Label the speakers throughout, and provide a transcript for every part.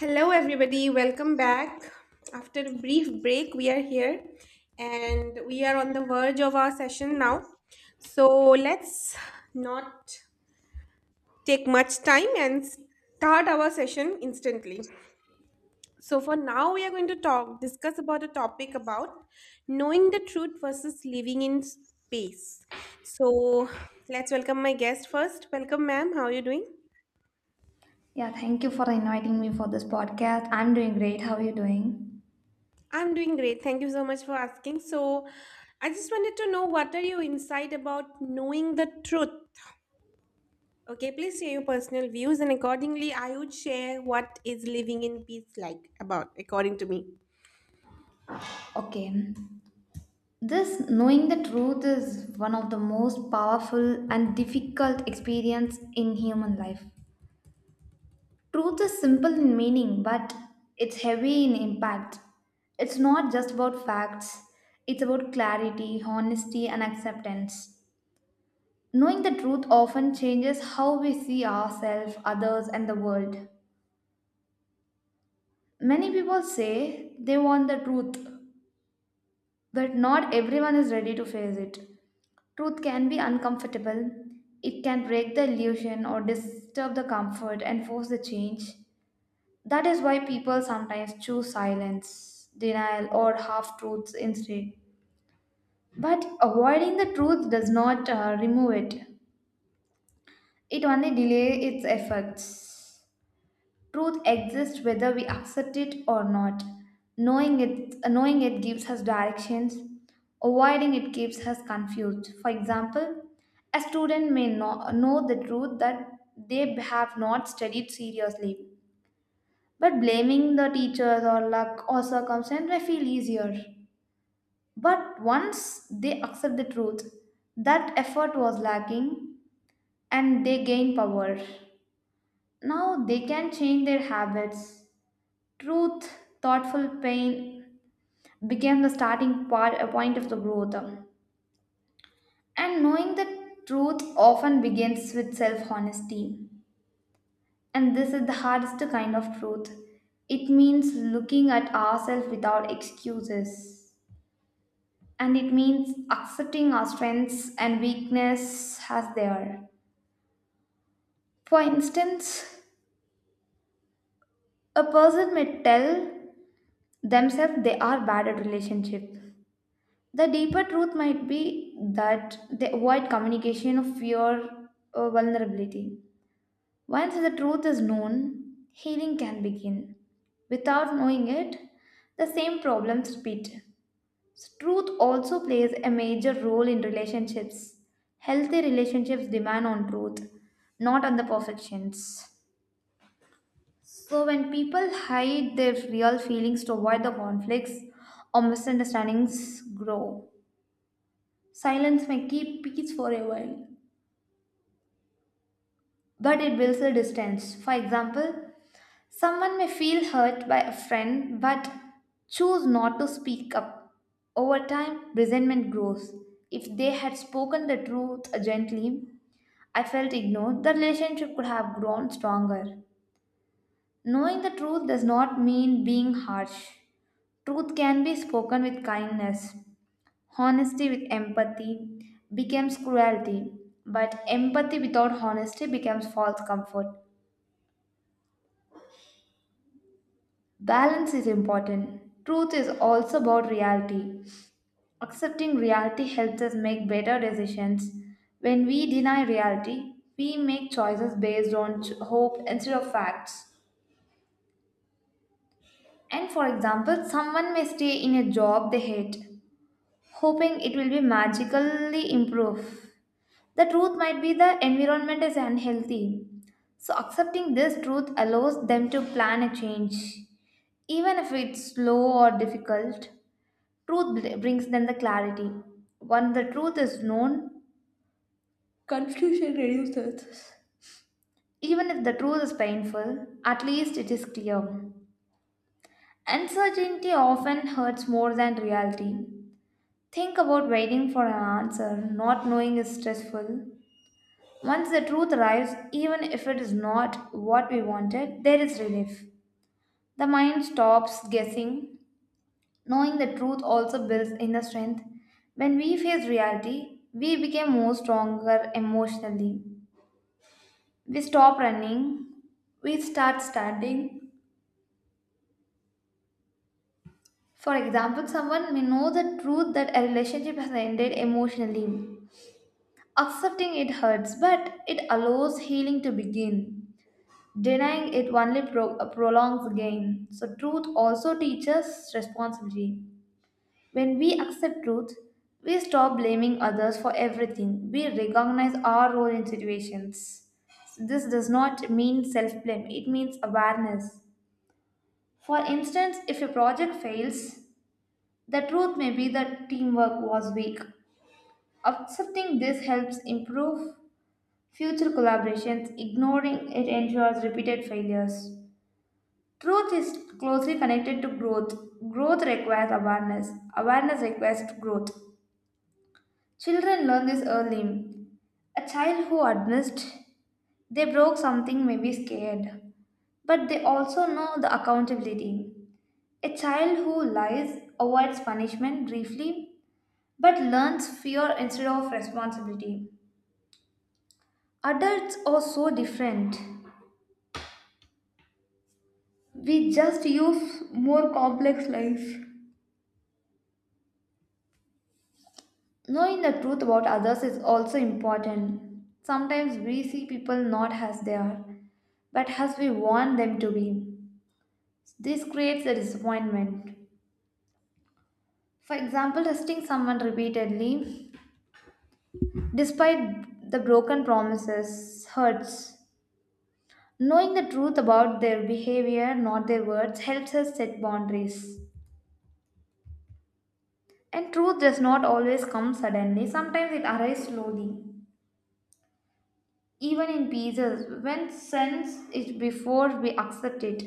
Speaker 1: Hello, everybody. Welcome back. After a brief break, we are here and we are on the verge of our session now. So, let's not take much time and start our session instantly. So, for now, we are going to talk, discuss about a topic about knowing the truth versus living in space. So, let's welcome my guest first. Welcome, ma'am. How are you doing?
Speaker 2: Yeah, thank you for inviting me for this podcast. I'm doing great. How are you doing?
Speaker 1: I'm doing great. Thank you so much for asking. So, I just wanted to know what are your insight about knowing the truth? Okay, please share your personal views, and accordingly, I would share what is living in peace like about, according to me.
Speaker 2: Okay. This knowing the truth is one of the most powerful and difficult experience in human life. Truth is simple in meaning, but it's heavy in impact. It's not just about facts. It's about clarity, honesty, and acceptance. Knowing the truth often changes how we see ourselves, others, and the world. Many people say they want the truth, but not everyone is ready to face it. Truth can be uncomfortable, it can break the illusion or disturb the comfort and force the change. That is why people sometimes choose silence, denial, or half truths instead. But avoiding the truth does not remove it, it only delays its effects. Truth exists whether we accept it or not. Knowing it gives us directions. Avoiding it keeps us confused. For example, a student may not know the truth that they have not studied seriously, but blaming the teachers or luck or circumstance may feel easier. But once they accept the truth, that effort was lacking and they gain power. Now they can change their habits. Truth, thoughtful pain became the starting part, a point of the growth. And knowing the truth often begins with self honesty. And this is the hardest kind of truth. It means looking at ourselves without excuses. And it means accepting our strengths and weakness as they are. For instance, a person may tell themselves they are bad at relationship. The deeper truth might be that they avoid communication of fear or vulnerability. Once the truth is known, healing can begin. Without knowing it, the same problems repeat. So truth also plays a major role in relationships. Healthy relationships demand on truth, not on the perfections. So when people hide their real feelings to avoid the conflicts or misunderstandings grow. Silence may keep peace for a while, but it builds a distance. For example, someone may feel hurt by a friend but choose not to speak up. Over time, resentment grows. If they had spoken the truth gently, I felt ignored, the relationship could have grown stronger. Knowing the truth does not mean being harsh. Truth can be spoken with kindness. Honesty with empathy becomes cruelty, but empathy without honesty becomes false comfort. Balance is important. Truth is also about reality. Accepting reality helps us make better decisions. When we deny reality, we make choices based on hope instead of facts. And for example, someone may stay in a job they hate, hoping it will be magically improve. The truth might be the environment is unhealthy. So, accepting this truth allows them to plan a change, even if it's slow or difficult. Truth brings them the clarity. Once the truth is known, confusion reduces. Even if the truth is painful, at least it is clear. Uncertainty often hurts more than reality. Think about waiting for an answer, not knowing is stressful. Once the truth arrives, even if it is not what we wanted, there is relief. The mind stops guessing. Knowing the truth also builds inner strength. When we face reality, we become more stronger emotionally. We stop running, we start standing. For example, someone may know the truth that a relationship has ended emotionally. Accepting it hurts, but it allows healing to begin. Denying it only prolongs gain. So, truth also teaches responsibility. When we accept truth, we stop blaming others for everything. We recognize our role in situations. This does not mean self blame, it means awareness. For instance, if a project fails, the truth may be that teamwork was weak. Accepting this helps improve future collaborations, ignoring it ensures repeated failures. Truth is closely connected to growth. Growth requires awareness. Awareness requires growth. Children learn this early. A child who admits they broke something may be scared, but they also know the accountability. A child who lies avoids punishment briefly but learns fear instead of responsibility. Adults are so different. We just use more complex life. Knowing the truth about others is also important. Sometimes we see people not as they are, but as we want them to be. This creates a disappointment. For example, testing someone repeatedly, despite the broken promises, hurts. Knowing the truth about their behavior, not their words, helps us set boundaries. And truth does not always come suddenly, sometimes it arrives slowly, even in pieces, when sense is before we accept it.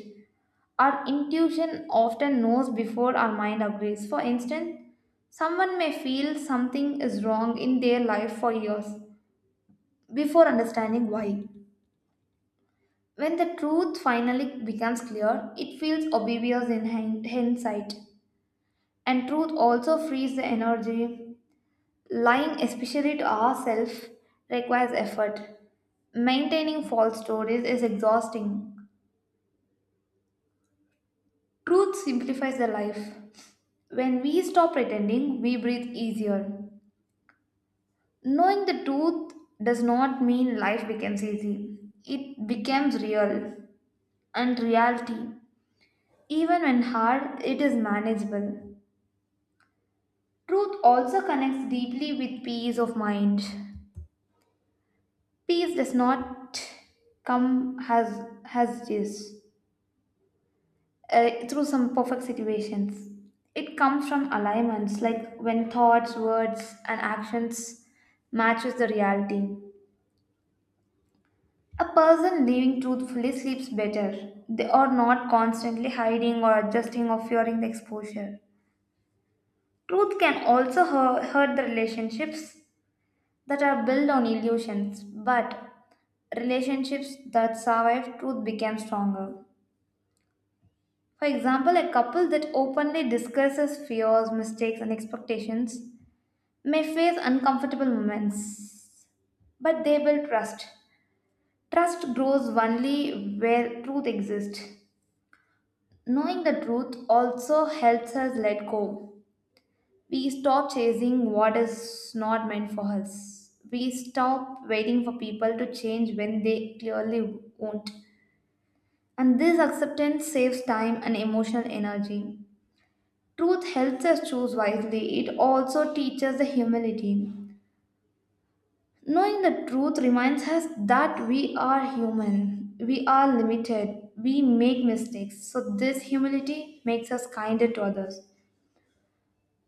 Speaker 2: Our intuition often knows before our mind agrees. For instance, someone may feel something is wrong in their life for years before understanding why. When the truth finally becomes clear, it feels obvious in hindsight. And truth also frees the energy. Lying, especially to ourselves, requires effort. Maintaining false stories is exhausting. Truth simplifies the life. When we stop pretending, we breathe easier. Knowing the truth does not mean life becomes easy, it becomes real. And reality, even when hard, it is manageable. Truth also connects deeply with peace of mind. Peace does not come as is, through some perfect situations. It comes from alignments, like when thoughts, words, and actions matches the reality. A person living truthfully sleeps better. They are not constantly hiding or adjusting or fearing the exposure. Truth can also hurt the relationships that are built on illusions, but relationships that survive truth become stronger. For example, a couple that openly discusses fears, mistakes, and expectations may face uncomfortable moments, but they will trust. Trust grows only where truth exists. Knowing the truth also helps us let go. We stop chasing what is not meant for us. We stop waiting for people to change when they clearly won't. And this acceptance saves time and emotional energy. Truth helps us choose wisely. It also teaches the humility. Knowing the truth reminds us that we are human, we are limited, we make mistakes. So, this humility makes us kinder to others.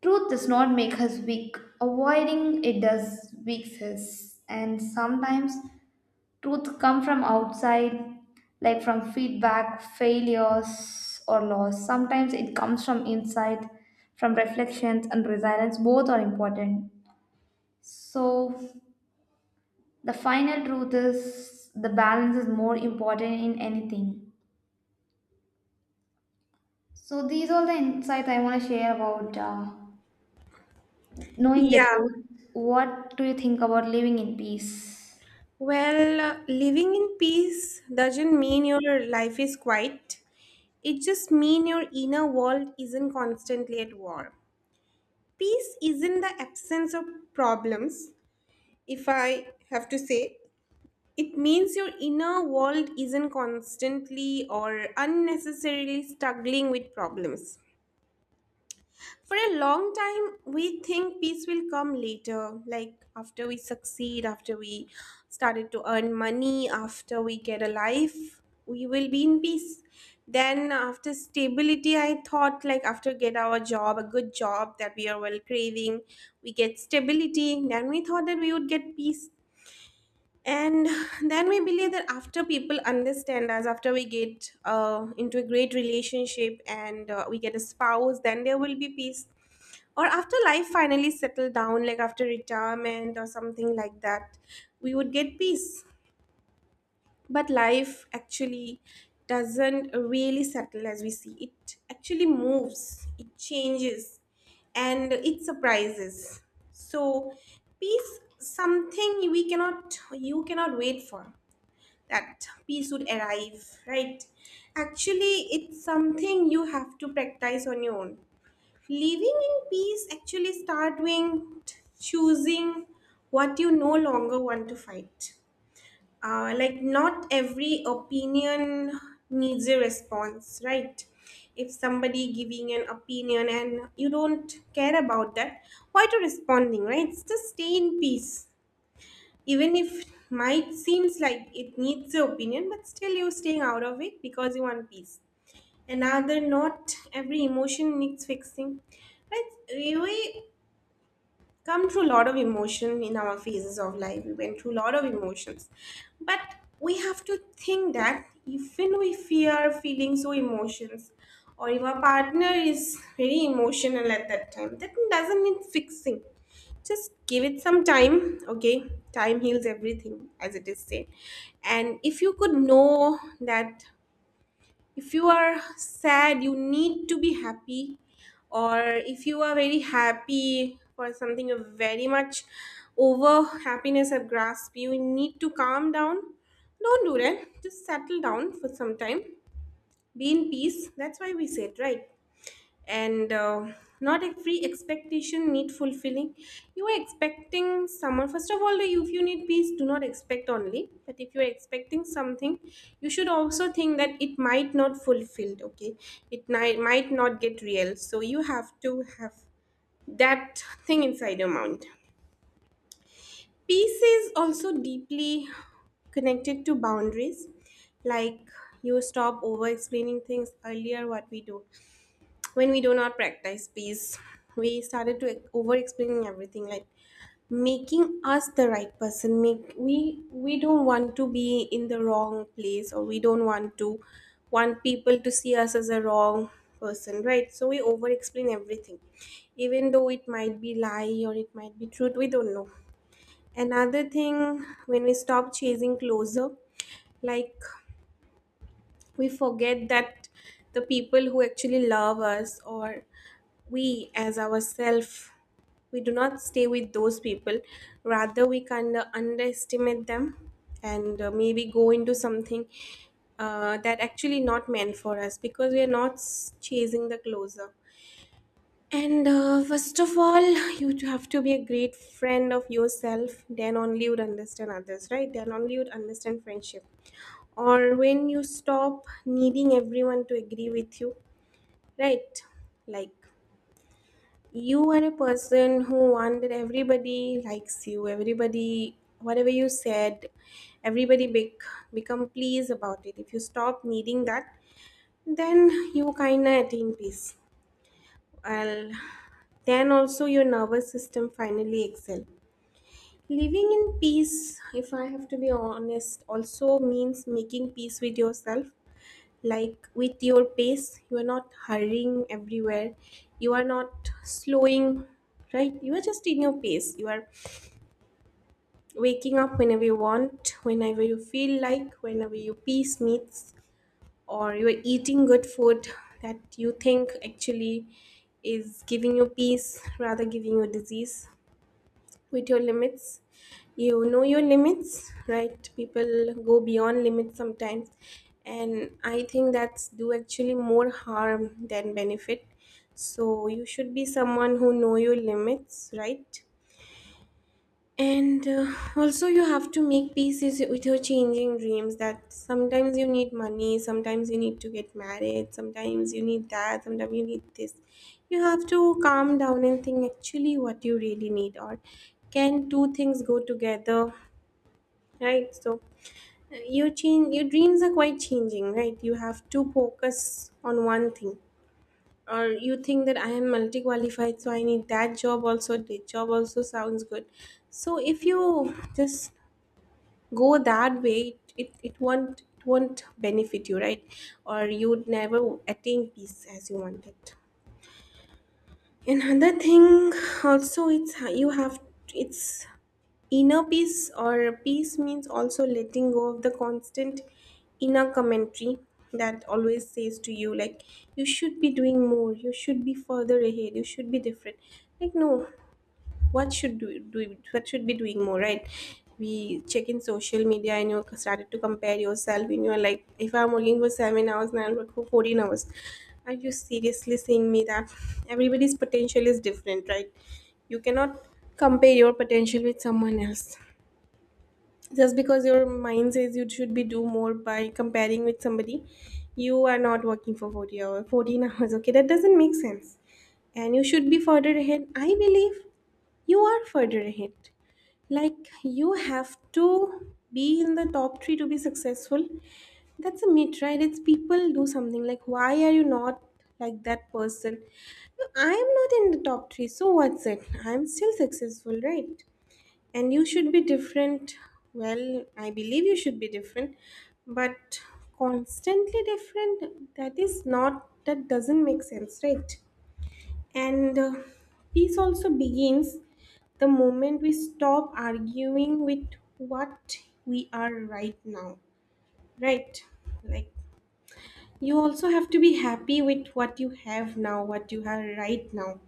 Speaker 2: Truth does not make us weak, avoiding it does weak us. And sometimes truth comes from outside, like from feedback, failures, or loss. Sometimes it comes from inside, from reflections and resilience. Both are important. So, the final truth is the balance is more important in anything. So these are the insights I want to share about knowing the
Speaker 1: Yeah.
Speaker 2: truth. What do you think about living in peace?
Speaker 1: Well, living in peace doesn't mean your life is quiet. It just means your inner world isn't constantly at war. Peace isn't the absence of problems, if I have to say. It means your inner world isn't constantly or unnecessarily struggling with problems. For a long time, we think peace will come later, like after we succeed, after we started to earn money, after we get a life, we will be in peace. Then after stability, I thought like after get our job, a good job that we are well craving, we get stability. Then we thought that we would get peace, and then we believe that after people understand us, after we get into a great relationship, and we get a spouse, then there will be peace, or after life finally settle down like after retirement or something like that, we would get peace. But life actually doesn't really settle as we see. It actually moves, it changes, and it surprises. So peace something we cannot, you cannot wait for that peace would arrive, right? Actually, it's something you have to practice on your own. Living in peace actually start with choosing what you no longer want to fight. Like, not every opinion needs a response, right? If somebody giving an opinion and you don't care about that, why to responding, right? Just stay in peace even if might seems like it needs your opinion, but still you're staying out of it because you want peace. Another, not every emotion needs fixing, but we come through a lot of emotion in our phases of life, we went through a lot of emotions. But we have to think that even if we are feeling so emotions, or if our partner is very emotional at that time, that doesn't need fixing. Just give it some time. Okay, time heals everything, as it is said. And if you could know that, if you are sad you need to be happy, or if you are very happy for something, you're very much over happiness have grasp, you need to calm down. Don't do that, just settle down for some time, be in peace. That's why we said, right? And not every expectation need fulfilling. You are expecting someone, first of all, if you need peace, do not expect only, but if you are expecting something, you should also think that it might not fulfilled. Okay, it might not get real, so you have to have that thing inside your mind. Peace is also deeply connected to boundaries. Like, you stop over explaining things. Earlier what we do, when we do not practice peace, we started to over explaining everything, like making us the right person, make we don't want to be in the wrong place, or we don't want to want people to see us as a wrong person, right? So we over explain everything, even though it might be lie or it might be truth, we don't know. Another thing, when we stop chasing closer, like, we forget that the people who actually love us, or we as ourselves, we do not stay with those people, rather we kind of underestimate them, and maybe go into something that actually not meant for us because we are not chasing the closer. And first of all, you to have to be a great friend of yourself, then only you'd understand others, right? Then only you'd understand friendship. Or when you stop needing everyone to agree with you, right? Like, you are a person who want that everybody likes you, everybody whatever you said, everybody become pleased about it. If you stop needing that, then you kinda attain peace. Well, then also your nervous system finally excel. Living in peace, if I have to be honest, also means making peace with yourself. Like with your pace, you are not hurrying everywhere, you are not slowing, right? You are just in your pace, you are waking up whenever you want, whenever you feel like, whenever your peace meets. Or you are eating good food that you think actually is giving you peace rather giving you disease. With your limits, you know your limits, right? People go beyond limits sometimes, and I think that's do actually more harm than benefit. So you should be someone who know your limits, right? And also, you have to make peace with your changing dreams. That sometimes you need money, sometimes you need to get married, sometimes you need that, sometimes you need this. You have to calm down and think actually what you really need, or can two things go together, right? So, your change, your dreams are quite changing, right? You have to focus on one thing, or you think that I am multi qualified, so I need that job also. This job also sounds good. So, if you just go that way, it won't benefit you, right? Or you'd never attain peace as you wanted. Another thing, also it's how you have, it's inner peace, or peace means also letting go of the constant inner commentary that always says to you, like, you should be doing more, you should be further ahead, you should be different. Like, no. What should do, do what should be doing more, right? We check in social media and you started to compare yourself and you're like, if I'm working for 7 hours now, I'll work for 14 hours. Are you seriously saying me that? Everybody's potential is different, right? You cannot compare your potential with someone else just because your mind says you should be do more by comparing with somebody. You are not working for 40 hours, 14 hours. Okay, that doesn't make sense. And you should be further ahead. I believe you are further ahead. Like, you have to be in the top three to be successful. That's a myth, right? It's people do something like, why are you not like that person? No, I am not in the top three, so what's it, I'm still successful, right? And you should be different. Well, I believe you should be different, but constantly different, that is not, that doesn't make sense, right? And peace also begins the moment we stop arguing with what we are right now, right? Like, you also have to be happy with what you have now, what you have right now.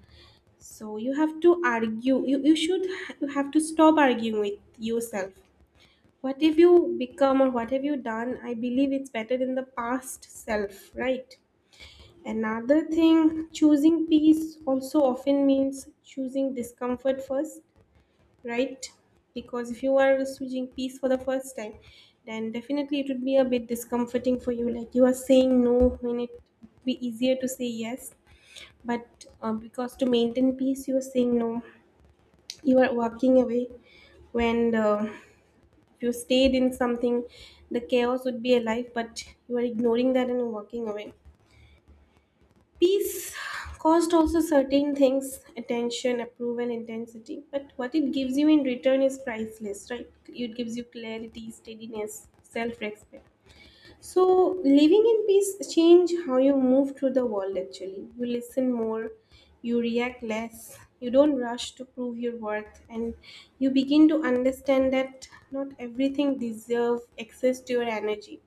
Speaker 1: So you have to argue, you should, you have to stop arguing with yourself what have you become or what have you done. I believe it's better in the past self, right? Another thing, choosing peace also often means choosing discomfort first, right? Because if you are choosing peace for the first time, then definitely it would be a bit discomforting for you, like you are saying no when it would be easier to say yes. But because to maintain peace you are saying no, you are walking away. When if you stayed in something, the chaos would be alive, but you are ignoring that and walking away. Peace cost also certain things, attention, approval, intensity, but what it gives you in return is priceless, right? It gives you clarity, steadiness, self respect. So, living in peace change how you move through the world actually. You listen more, you react less, you don't rush to prove your worth, and you begin to understand that not everything deserves access to your energy.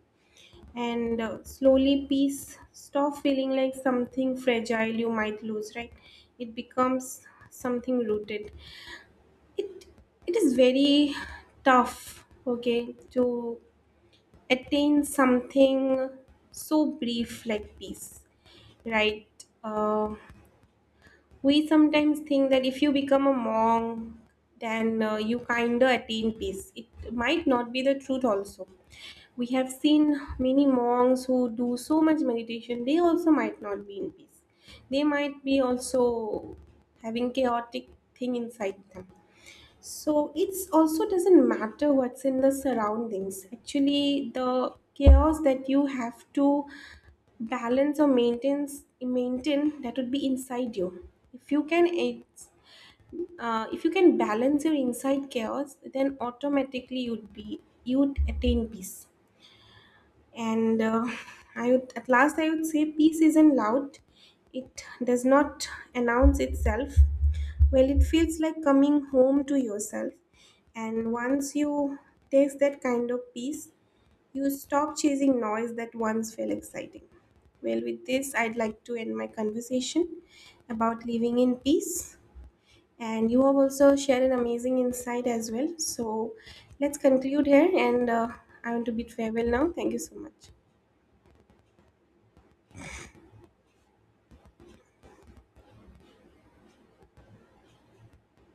Speaker 1: And slowly peace stop feeling like something fragile you might lose, right? It becomes something rooted. It it is very tough, okay, to attain something so brief like peace, right? Uh, we sometimes think that if you become a monk, then you kind of attain peace. It might not be the truth, also. We have seen many monks who do so much meditation, they also might not be in peace. They might be also having chaotic thing inside them. So it's also doesn't matter what's in the surroundings. Actually, the chaos that you have to balance or maintain that would be inside you. If you can it's, if you can balance your inside chaos, then automatically you'd attain peace. And I would, at last I would say peace isn't loud. It does not announce itself. Well, it feels like coming home to yourself, and once you taste that kind of peace, you stop chasing noise that once felt exciting. Well, with this, I'd like to end my conversation about living in peace. And you have also shared an amazing insight as well. So let's conclude here. And I want to bid farewell now. Thank you so much.